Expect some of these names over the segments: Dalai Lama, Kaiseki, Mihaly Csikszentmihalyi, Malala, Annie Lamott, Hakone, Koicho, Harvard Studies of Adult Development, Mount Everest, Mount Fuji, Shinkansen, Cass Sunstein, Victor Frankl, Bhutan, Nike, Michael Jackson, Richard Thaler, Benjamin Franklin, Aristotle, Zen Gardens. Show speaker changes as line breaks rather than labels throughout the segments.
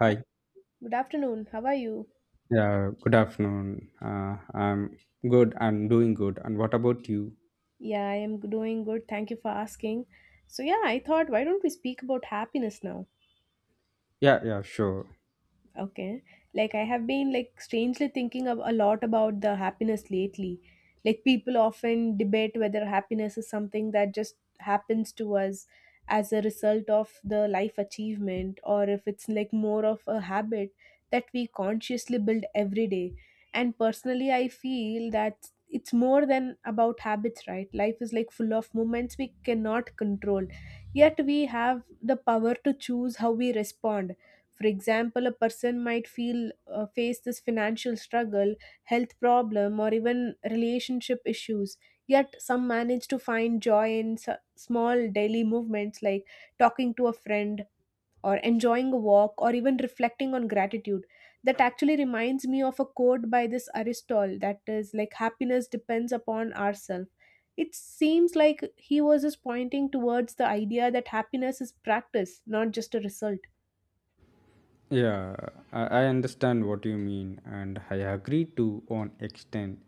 Hi.
Good afternoon. How are you?
Yeah, good afternoon. I'm good. I'm doing good. And what about you?
Yeah, I am doing good. Thank you for asking. So, yeah, I thought why don't we speak about happiness now?
Yeah, yeah, sure.
Okay. I have been strangely thinking of a lot about the happiness lately. Like people often debate whether happiness is something that just happens to us as a result of the life achievement, or if it's like more of a habit that we consciously build every day. And personally I feel that it's more than about habits, right? Life is like full of moments we cannot control. Yet we have the power to choose how we respond. For example, a person might feel face this financial struggle, health problem, or even relationship issues. Yet some manage to find joy in small daily movements like talking to a friend or enjoying a walk or even reflecting on gratitude. That actually reminds me of a quote by this Aristotle that is like happiness depends upon ourselves. It seems like he was just pointing towards the idea that happiness is practice, not just a result.
Yeah, I understand what you mean and I agree to on extent.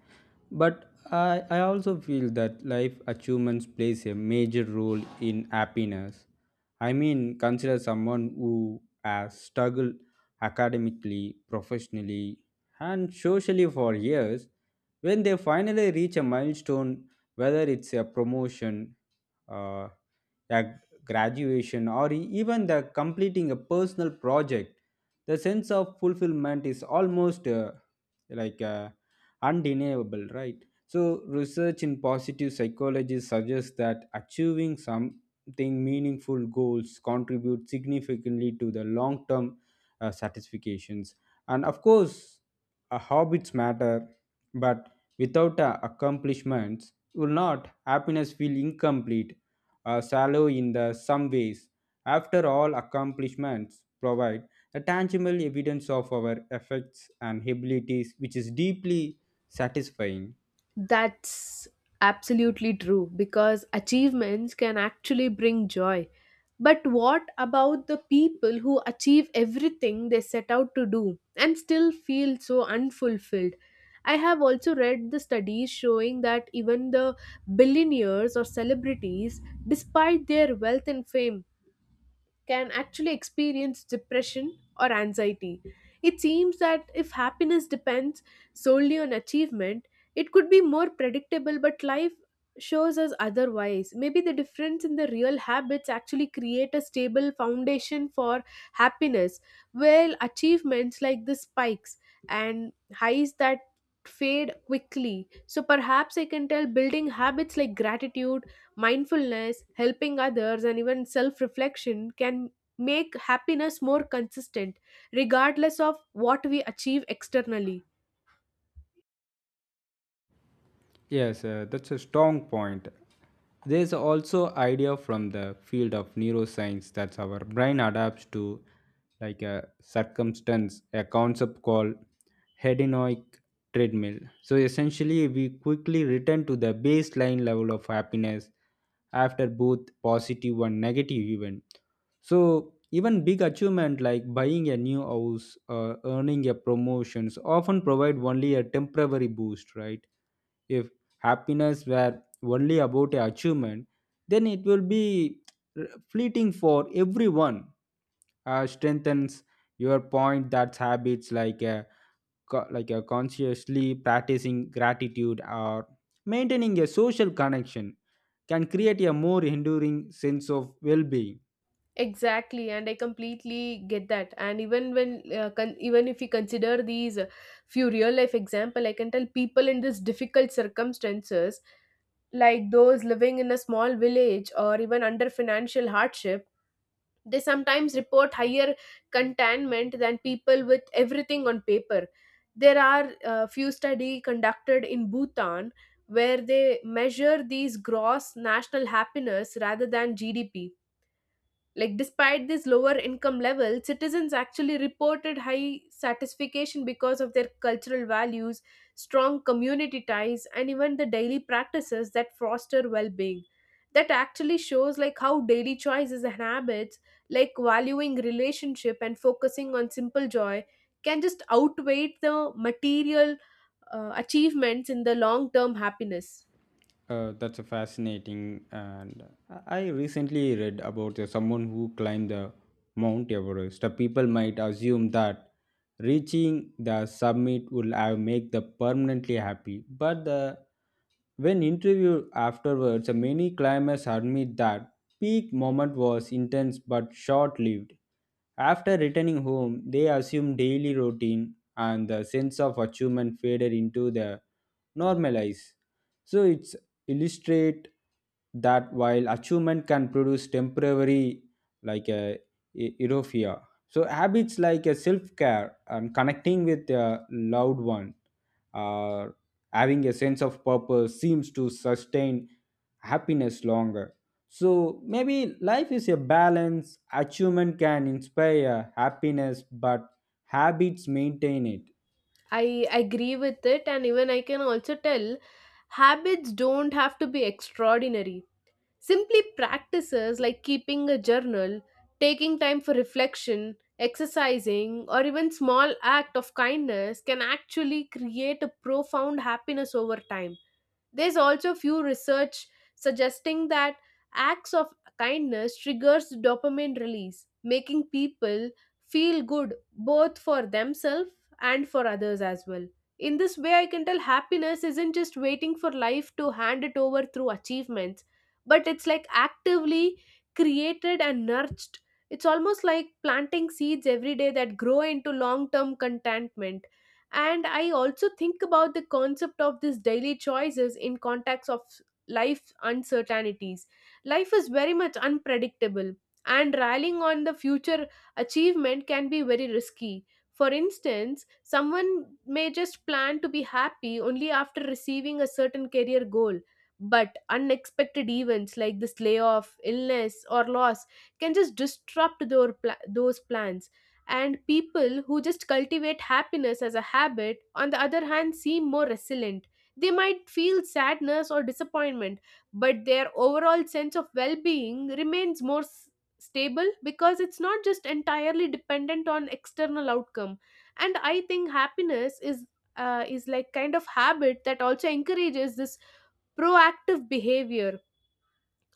But I also feel that life achievements plays a major role in happiness. I mean, consider someone who has struggled academically, professionally, and socially for years. When they finally reach a milestone, whether it's a promotion, uh, a graduation, or even the completing a personal project, the sense of fulfillment is almost like uh, undeniable, right? So, research in positive psychology suggests that achieving something meaningful goals contribute significantly to the long term satisfactions. And of course, habits matter, but without accomplishments, will not happiness feel incomplete shallow in the some ways. After all, accomplishments provide a tangible evidence of our effects and abilities, which is deeply satisfying.
That's absolutely true because achievements can actually bring joy. But what about the people who achieve everything they set out to do and still feel so unfulfilled? I have also read the studies showing that even the billionaires or celebrities, despite their wealth and fame, can actually experience depression or anxiety. It seems that if happiness depends solely on achievement, it could be more predictable, but life shows us otherwise. Maybe the difference in the real habits actually create a stable foundation for happiness, while achievements like the spikes and highs that fade quickly. So perhaps I can tell building habits like gratitude, mindfulness, helping others, and even self reflection can make happiness more consistent, regardless of what we achieve externally.
Yes, that's a strong point. There's also idea from the field of neuroscience that our brain adapts to like a circumstance, a concept called hedonic treadmill. So essentially we quickly return to the baseline level of happiness after both positive and negative event. So even big achievement like buying a new house or earning a promotions often provide only a temporary boost, right? If happiness were only about a achievement, then it will be fleeting for everyone. Strengthens your point that habits like a, like a consciously practicing gratitude or maintaining a social connection can create a more enduring sense of well-being.
Exactly, and I completely get that. And even even if we consider these few real life example, I can tell people in these difficult circumstances like those living in a small village or even under financial hardship, they sometimes report higher contentment than people with everything on paper. There are a few study conducted in Bhutan where they measure these gross national happiness rather than GDP, like, despite these lower income levels, citizens actually reported high satisfaction because of their cultural values, strong community ties, and even the daily practices that foster well being. That actually shows like how daily choices and habits, like valuing relationship and focusing on simple joy, can just outweigh the material achievements in the long term happiness.
That's a fascinating, and I recently read about someone who climbed the Mount Everest. The people might assume that reaching the summit will have make them permanently happy, but the, when interviewed afterwards, many climbers admit that peak moment was intense but short-lived. After returning home, they assume daily routine and the sense of achievement faded into the normalize. So it's illustrate that while achievement can produce temporary like a euphoria, so habits like a self-care and connecting with a loved one or having a sense of purpose seems to sustain happiness longer. So maybe life is a balance. Achievement can inspire happiness, but habits maintain it.
I agree with it, and even I can also tell habits don't have to be extraordinary. Simply practices like keeping a journal, taking time for reflection, exercising, or even small act of kindness can actually create a profound happiness over time. There's also few research suggesting that acts of kindness triggers dopamine release, making people feel good both for themselves and for others as well. In this way, I can tell happiness isn't just waiting for life to hand it over through achievements, but it's like actively created and nurtured. It's almost like planting seeds every day that grow into long term contentment. And I also think about the concept of these daily choices in context of life uncertainties. Life is very much unpredictable, and relying on the future achievement can be very risky. For instance, someone may just plan to be happy only after receiving a certain career goal, but unexpected events like this layoff, illness, or loss can just disrupt those plans. And people who just cultivate happiness as a habit, on the other hand, seem more resilient. They might feel sadness or disappointment, but their overall sense of well-being remains stable, because it's not just entirely dependent on external outcome. And I think happiness is like kind of habit that also encourages this proactive behavior.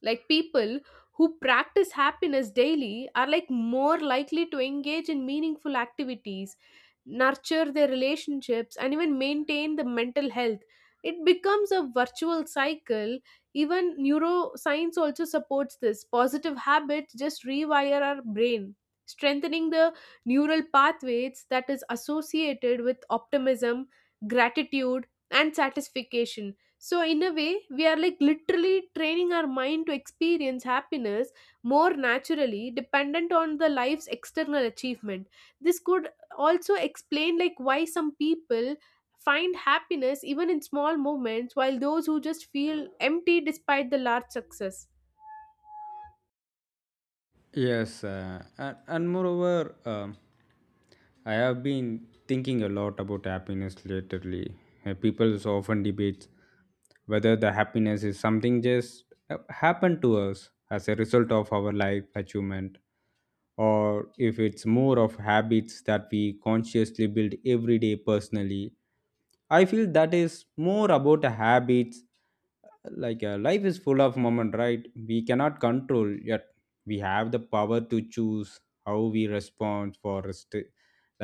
Like people who practice happiness daily are like more likely to engage in meaningful activities, nurture their relationships, and even maintain the mental health. It becomes a virtual cycle. Even neuroscience also supports this. Positive habits just rewire our brain, strengthening the neural pathways that is associated with optimism, gratitude and satisfaction. So in a way, we are like literally training our mind to experience happiness more naturally dependent on the life's external achievement. This could also explain like why some people find happiness even in small moments, while those who just feel empty despite the large success.
Yes, and moreover, I have been thinking a lot about happiness lately. People so often debate whether the happiness is something just happened to us as a result of our life achievement or if it's more of habits that we consciously build every day personally. I feel that is more about the habits life is full of moment, right, we cannot control yet we have the power to choose how we respond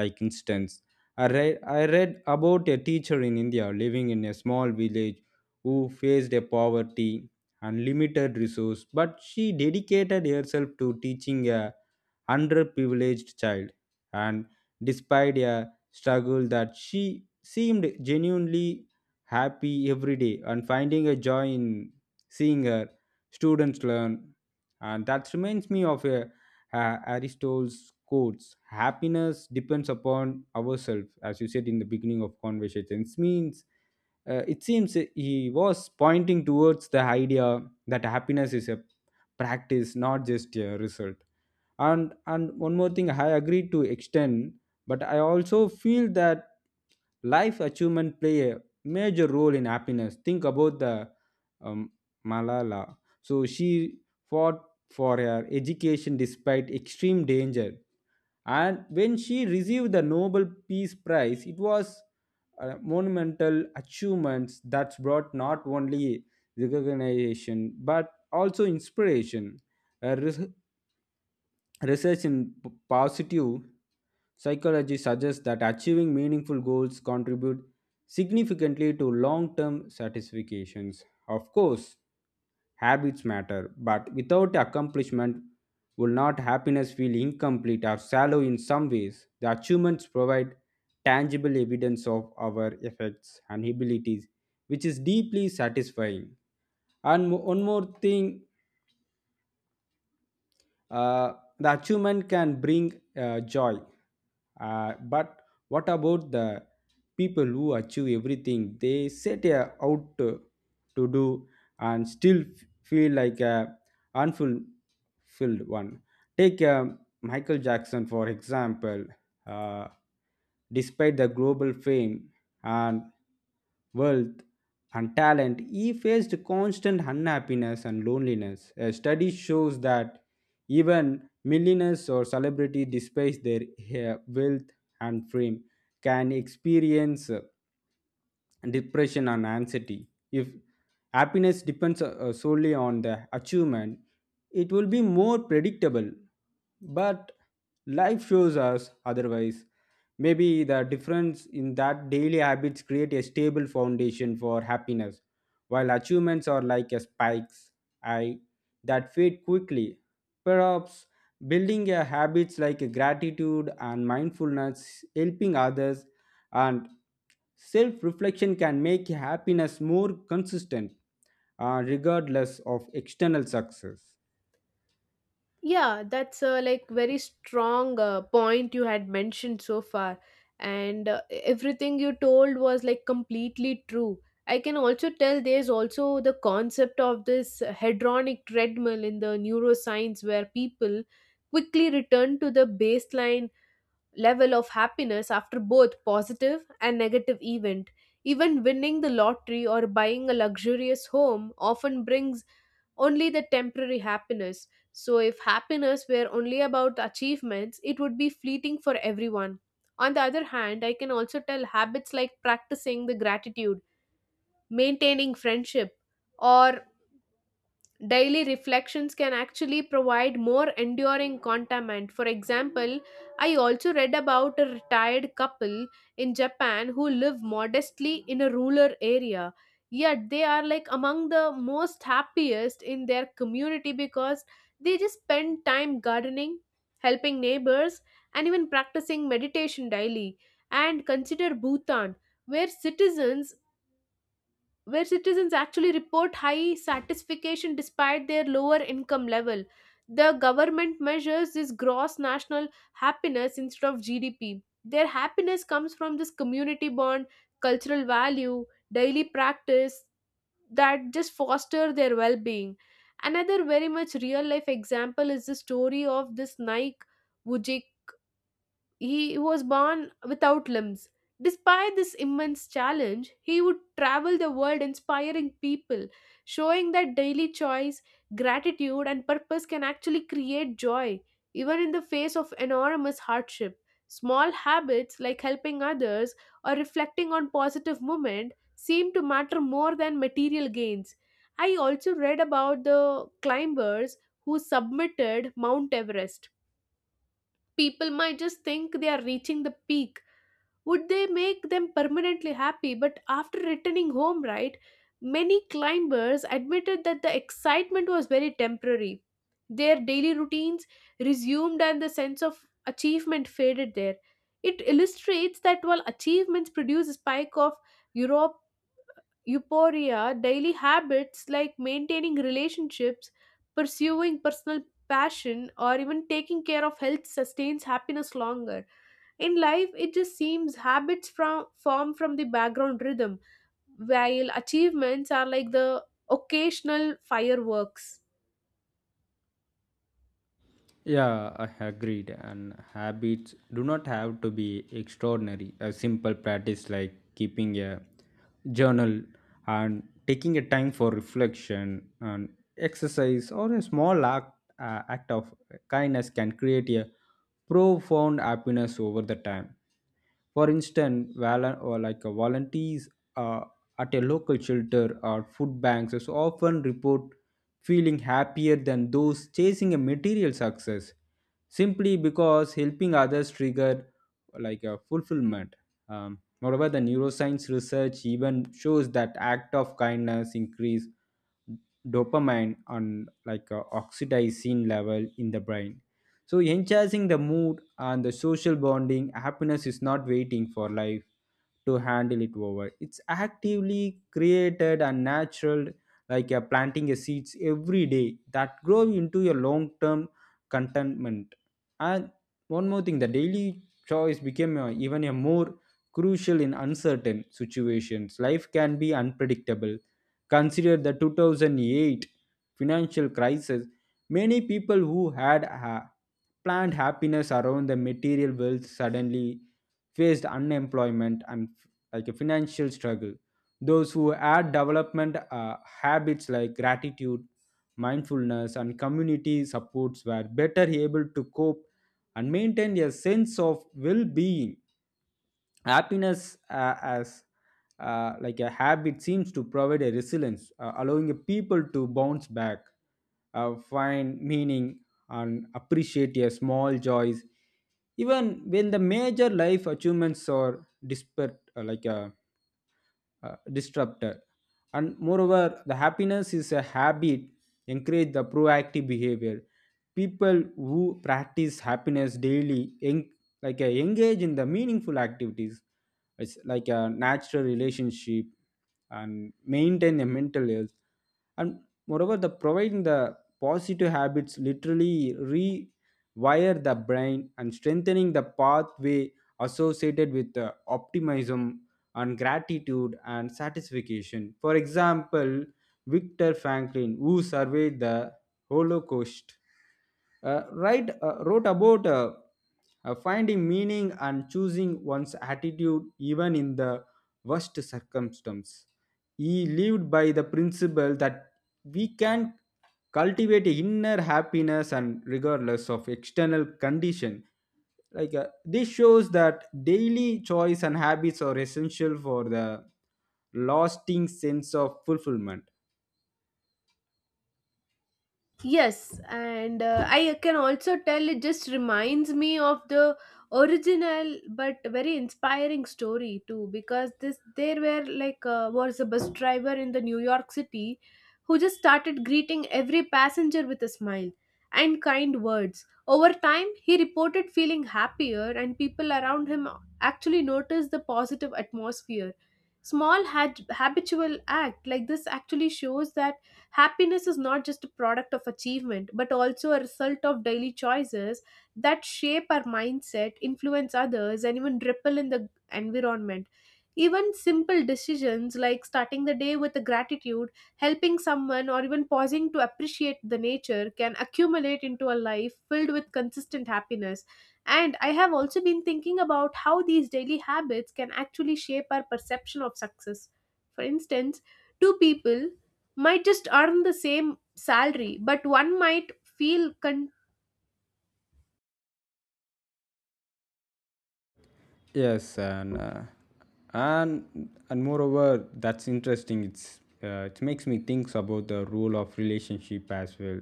like instance, I read about a teacher in India living in a small village who faced a poverty and limited resource but she dedicated herself to teaching a underprivileged child, and despite a struggle that she seemed genuinely happy every day and finding a joy in seeing her students learn. And that reminds me of a, Aristotle's quotes happiness depends upon ourselves, as you said in the beginning of conversations, means it seems he was pointing towards the idea that happiness is a practice, not just a result. And one more thing, I agree to extend but I also feel that life achievement play a major role in happiness. Think about the um, Malala. So she fought for her education despite extreme danger, and when she received the Nobel Peace Prize it was monumental achievements that's brought not only recognition but also inspiration. her res- Research in positive psychology suggests that achieving meaningful goals contribute significantly to long-term satisfactions. Of course, habits matter, but without accomplishment will not happiness feel incomplete or shallow in some ways. The achievements provide tangible evidence of our efforts and abilities, which is deeply satisfying. And one more thing, Uh, the achievement can bring joy. But what about the people who achieve everything they set a- out to do and still feel like a unfulfilled one? Take Michael Jackson, for example. Uh, Despite the global fame and wealth and talent, he faced constant unhappiness and loneliness. A study shows that even millionaires or celebrities, despite their wealth and fame, can experience depression and anxiety. If happiness depends solely on the achievement, it will be more predictable, but life shows us otherwise. Maybe the difference in that daily habits create a stable foundation for happiness while achievements are like a spikes I that fade quickly. Perhaps building a habits like gratitude and mindfulness, helping others, and self reflection can make happiness more consistent, regardless of external success.
Yeah, that's a like very strong point you had mentioned so far, and everything you told was like completely true. I can also tell there's also the concept of this hedronic treadmill in the neuroscience, where people quickly return to the baseline level of happiness after both positive and negative event. Even winning the lottery or buying a luxurious home often brings only the temporary happiness. So if happiness were only about achievements, it would be fleeting for everyone. On the other hand, I can also tell habits like practicing the gratitude, maintaining friendship, or daily reflections can actually provide more enduring content. For example, I also read about a retired couple in Japan who live modestly in a rural area. Yet they are like among the most happiest in their community because they just spend time gardening, helping neighbors, and even practicing meditation daily. And consider Bhutan, where citizens where citizens actually report high satisfaction despite their lower income level. The government measures this gross national happiness instead of GDP. Their happiness comes from this community bond, cultural value, daily practice that just foster their well being. Another very much real life example is the story of this Nike. He was born without limbs. Despite this immense challenge, he would travel the world inspiring people, showing that daily choice, gratitude, and purpose can actually create joy, even in the face of enormous hardship. Small habits like helping others or reflecting on positive moments seem to matter more than material gains. I also read about the climbers who submitted Mount Everest. People might just think they are reaching the peak would they make them permanently happy, but after returning home, right, many climbers admitted that the excitement was very temporary. Their daily routines resumed and the sense of achievement faded there. It illustrates that while achievements produce a spike of europe euphoria, daily habits like maintaining relationships, pursuing personal passion, or even taking care of health sustains happiness longer. In life, it just seems habits from form from the background rhythm, while achievements are like the occasional fireworks.
Yeah, I agreed. And habits do not have to be extraordinary. A simple practice like keeping a journal and taking a time for reflection and exercise or a small act, act of kindness can create a profound happiness over the time. For instance, val- or like volunteers uh, at a local shelter or food banks is often report feeling happier than those chasing a material success simply because helping others trigger like a fulfillment. Moreover, the neuroscience research even shows that act of kindness increase dopamine on like a oxytocin level in the brain, so enhancing the mood and the social bonding. Happiness is not waiting for life to handle it over. It's actively created and natural, like you're planting a seeds every day that grow into your long term contentment. And one more thing, the daily choice became a, even a more crucial in uncertain situations. Life can be unpredictable. Consider the 2008 financial crisis. Many people who had planned happiness around the material wealth suddenly faced unemployment and like a financial struggle. Those who had development habits like gratitude, mindfulness, and community supports were better able to cope and maintain a sense of well being. Happiness as like a habit seems to provide a resilience, allowing a people to bounce back, find meaning, and appreciate a small joys even when the major life achievements are disparate, like a disrupted. And moreover, the happiness is a habit, encourage the proactive behavior. People who practice happiness daily engage in the meaningful activities, it's like a natural relationship, and maintain a mental health. And moreover, the providing the positive habits literally rewire the brain and strengthening the pathway associated with the optimism and gratitude and satisfaction. For example, Victor Franklin, who surveyed the Holocaust, wrote about finding meaning and choosing one's attitude even in the worst circumstance. He lived by the principle that we can cultivate inner happiness and regardless of external condition. This shows that daily choice and habits are essential for the lasting sense of fulfillment.
Yes, and I can also tell it just reminds me of the original but very inspiring story too, because this there were like was a bus driver in the New York City who just started greeting every passenger with a smile and kind words. Over time, he reported feeling happier, and people around him actually noticed the positive atmosphere. Small had habitual act like this actually shows that happiness is not just a product of achievement, but also a result of daily choices that shape our mindset, influence others, and even ripple in the environment. Even simple decisions like starting the day with a gratitude, helping someone, or even pausing to appreciate the nature can accumulate into a life filled with consistent happiness. And I have also been thinking about how these daily habits can actually shape our perception of success. For instance, two people might just earn the same salary, but one might feel
Yes, and moreover, that's interesting. It's it makes me think about the role of relationship as well.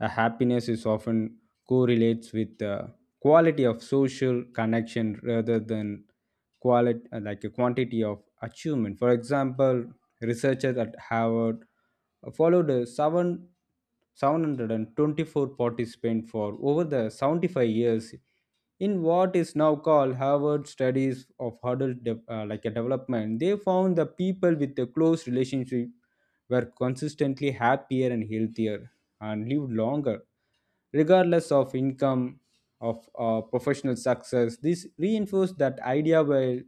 Happiness is often correlates with the quality of social connection rather than quality like a quantity of achievement. For example, researchers at Harvard followed a seven 724 participants for over the 75 years in what is now called Harvard Studies of Adult De- like a Development. They found the people with a close relationship were consistently happier and healthier and lived longer, regardless of income of professional success. This reinforced that idea while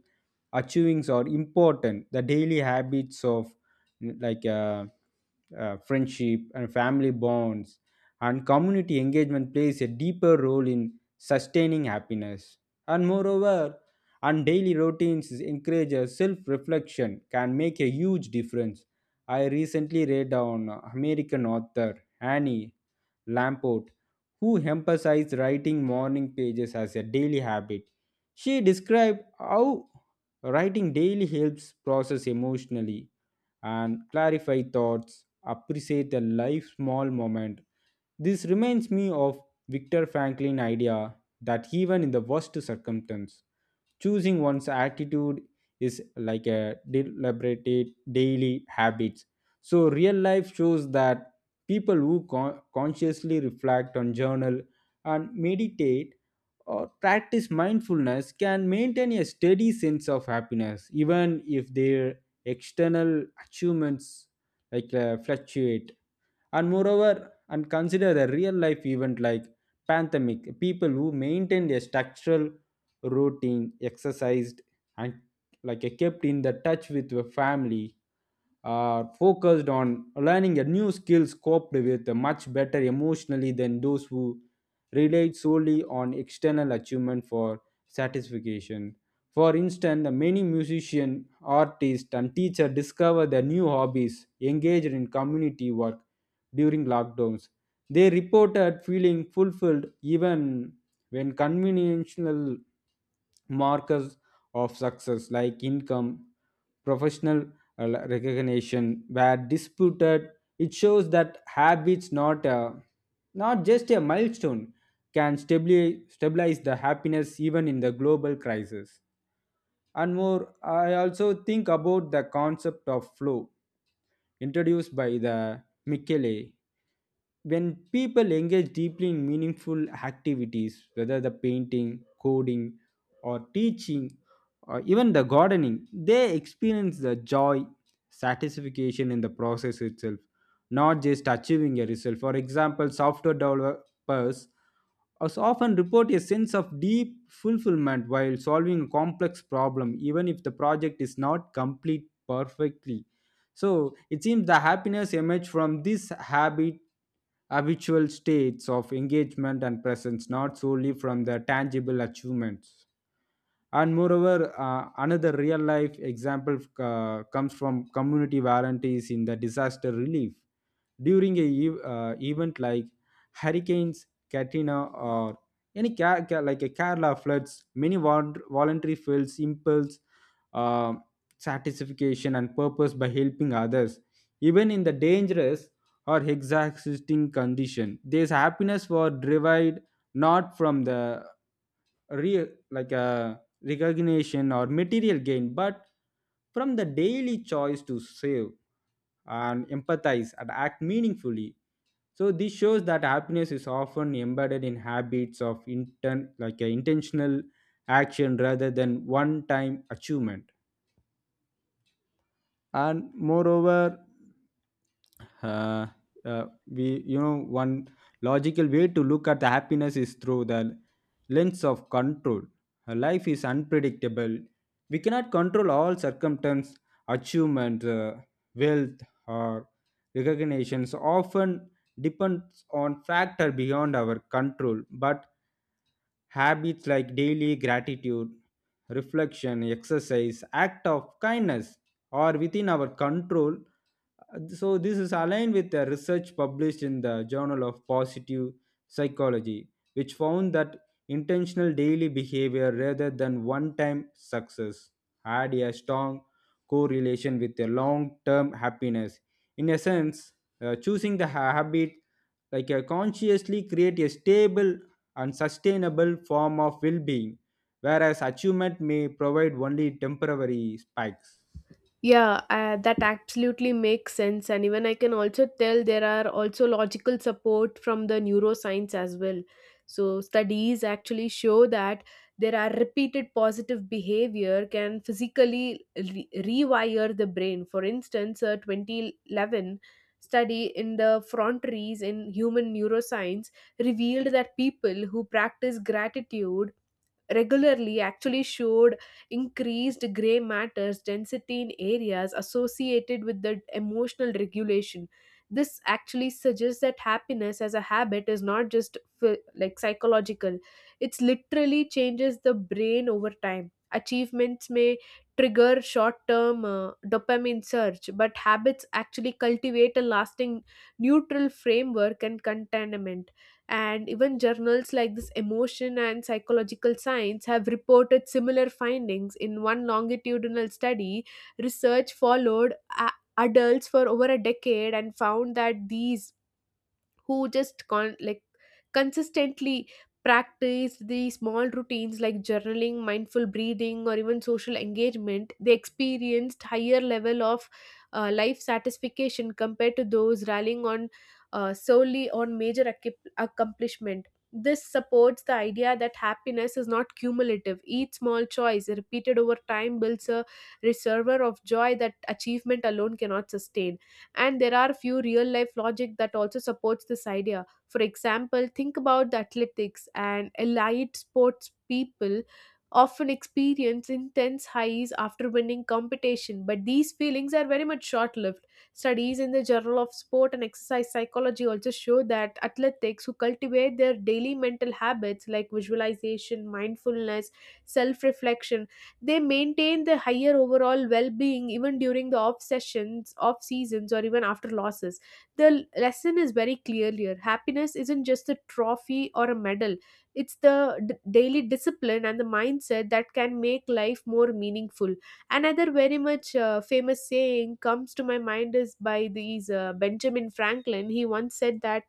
achievings are important. The daily habits of like uh, friendship and family bonds and community engagement plays a deeper role in sustaining happiness. And moreover, and daily routines encourage self-reflection can make a huge difference. I recently read on American author Annie Lamport, who emphasized writing morning pages as a daily habit. She described how writing daily helps process emotionally and clarify thoughts, appreciate a life small moment. This reminds me of Victor Franklin idea that even in the worst circumstance, choosing one's attitude is like a deliberated daily habit. So real life shows that people who consciously reflect on journal and meditate or practice mindfulness can maintain a steady sense of happiness even if their external achievements fluctuate. And moreover, and consider a real life event like pandemic. People who maintained a structural routine, exercised, and like kept in the touch with the family, are focused on learning a new skills, coped with much better emotionally than those who relied solely on external achievement for satisfaction. For instance, many musicians, artists, and teachers discover their new hobbies, engaged in community work during lockdowns. They reported feeling fulfilled even when conventional markers of success like income, professional recognition were disputed. It shows that habits, not just a milestone, can stabilize the happiness even in the global crisis. And more, I also think about the concept of flow introduced by the Michele. When people engage deeply in meaningful activities, whether the painting, coding, or teaching, or even the gardening, they experience the joy, satisfaction in the process itself, not just achieving a result. For example, software developers us often report a sense of deep fulfillment while solving a complex problem even if the project is not complete perfectly. So it seems the happiness emerges from these habitual states of engagement and presence, not solely from the tangible achievements. And moreover, another real life example comes from community volunteers in the disaster relief during event like hurricanes Katrina or any like a Kerala floods. Many voluntary feels impulse, uh, satisfaction and purpose by helping others even in the dangerous or exhausting condition. This happiness was derived not from the real like a recognition or material gain, but from the daily choice to save and empathize and act meaningfully. So this shows that happiness is often embedded in habits of inten- like a intentional action rather than one-time achievement. And moreover, uh, we you know, one logical way to look at the happiness is through the lens of control. Life is unpredictable, we cannot control all circumstances. Achievement, wealth, or recognitions often depends on factor beyond our control. But habits like daily gratitude, reflection, exercise, act of kindness are within our control. So, this is aligned with the research published in the Journal of Positive Psychology, which found that intentional daily behavior rather than one time success had a strong correlation with a long term happiness. In essence, choosing the habit like a consciously create a stable and sustainable form of well being, whereas achievement may provide only temporary spikes.
Yeah, that absolutely makes sense. And even I can also tell there are also logical support from the neuroscience as well. So, studies actually show that there are repeated positive behavior can physically rewire the brain. For instance, a 2011 study in the frontiers in human neuroscience revealed that people who practice gratitude regularly actually showed increased gray matters density in areas associated with the emotional regulation. This actually suggests that happiness as a habit is not just psychological. It's literally changes the brain over time. Achievements may trigger short term dopamine surge, but habits actually cultivate a lasting neutral framework and contentment. And even journals like this emotion and psychological science have reported similar findings. In one longitudinal study, research followed adults for over a decade and found that these who just consistently practice the small routines like journaling, mindful breathing, or even social engagement, they experienced higher level of life satisfaction compared to those rallying on solely on major accomplishment. This supports the idea that happiness is not cumulative. Each small choice repeated over time builds a reservoir of joy that achievement alone cannot sustain. And there are few real life logic that also supports this idea. For example, think about the athletics and elite sports people often experience intense highs after winning competition, but these feelings are very much short lived. Studies in the journal of sport and exercise psychology also show that athletes who cultivate their daily mental habits like visualization, mindfulness, self reflection, they maintain the higher overall well-being even during the off seasons, or even after losses. The lesson is very clear here. Happiness isn't just a trophy or a medal; it's the daily discipline and the mindset that can make life more meaningful. Another very much famous saying comes to my mind is by these Benjamin Franklin. He once said that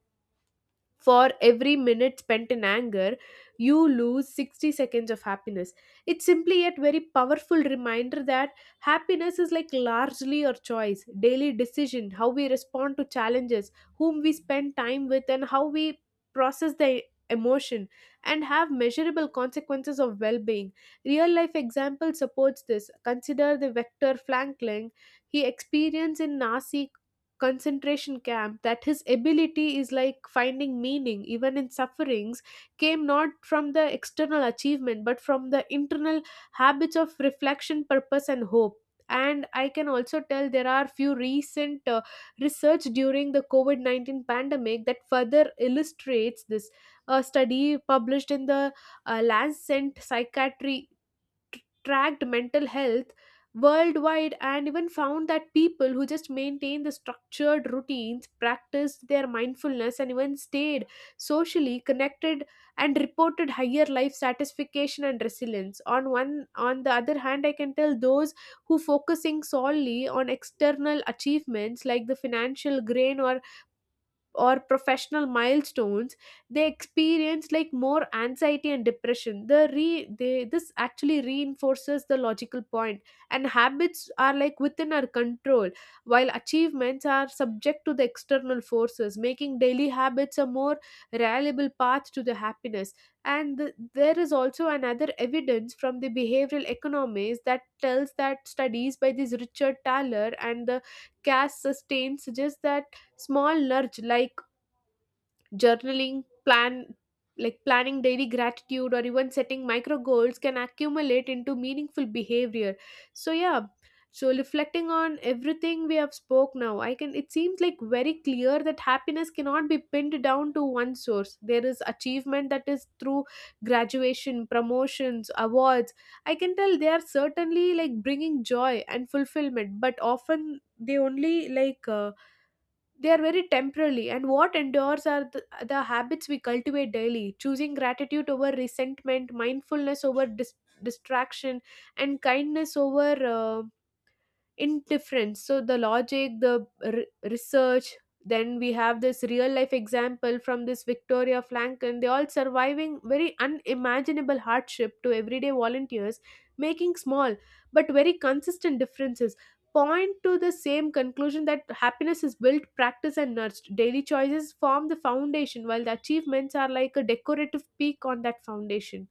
for every minute spent in anger, you lose 60 seconds of happiness. It's simply yet very powerful reminder that happiness is like largely your choice, daily decision, how we respond to challenges, whom we spend time with, and how we process the emotion, and have measurable consequences of well-being. Real life example supports this. Consider the Vector Franklin. He experienced in Nazi concentration camp that his ability is like finding meaning even in sufferings came not from the external achievement, but from the internal habits of reflection, purpose, and hope. And I can also tell there are few recent research during the covid-19 pandemic that further illustrates this. A study published in the Lancet Psychiatry tracked mental health worldwide and even found that people who just maintained the structured routines, practiced their mindfulness, and even stayed socially connected, and reported higher life satisfaction and resilience. On the other hand, I can tell those who focusing solely on external achievements like the financial gain or professional milestones, they experience like more anxiety and depression. The re they This actually reinforces the logical point. And habits are like within our control, while achievements are subject to the external forces, making daily habits a more reliable path to the happiness. And there is also another evidence from the behavioral economics that tells that studies by this Richard Thaler and the Cass Sustain suggest that small nudge like journaling plan like planning daily gratitude or even setting micro goals can accumulate into meaningful behavior. So yeah, so reflecting on everything we have spoke now, I can, it seems like very clear that happiness cannot be pinned down to one source. There is achievement, that is through graduation, promotions, awards. I can tell they are certainly like bringing joy and fulfillment, but often they only they are very temporary. And what endures are the habits we cultivate daily, choosing gratitude over resentment, mindfulness over distraction, and kindness over indifference. So the logic, the research, then we have this real life example from this Victoria Franklin, they all surviving very unimaginable hardship to everyday volunteers making small but very consistent differences, point to the same conclusion that happiness is built, practiced, and nurtured. Daily choices form the foundation, while the achievements are like a decorative peak on that foundation.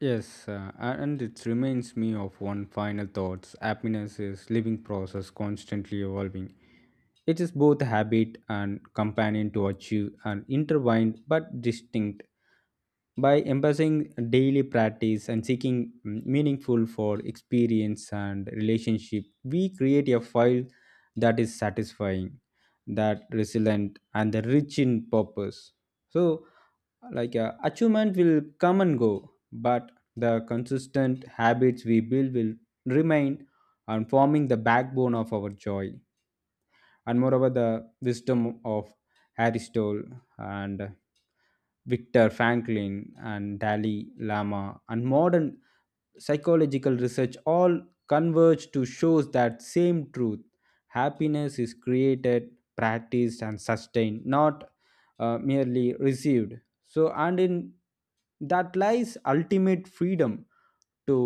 Yes, and it reminds me of one final thoughts. Happiness is living process constantly evolving. It is both habit and companion to achieve and intertwined but distinct. By embracing daily practice and seeking meaningful for experience and relationship, we create a file that is satisfying, that resilient and the rich in purpose. So achievement will come and go, but the consistent habits we build will remain and forming the backbone of our joy. And moreover, the wisdom of Aristotle and Victor Franklin and Dalai Lama and modern psychological research all converge to shows that same truth. Happiness is created, practiced, and sustained, not merely received. So and in that lies ultimate freedom to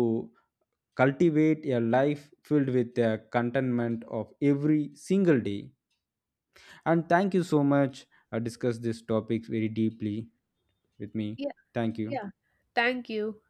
cultivate a life filled with the contentment of every single day. And thank you so much, I discussed this topic very deeply with me.
Yeah.
Thank you.
Yeah, thank you.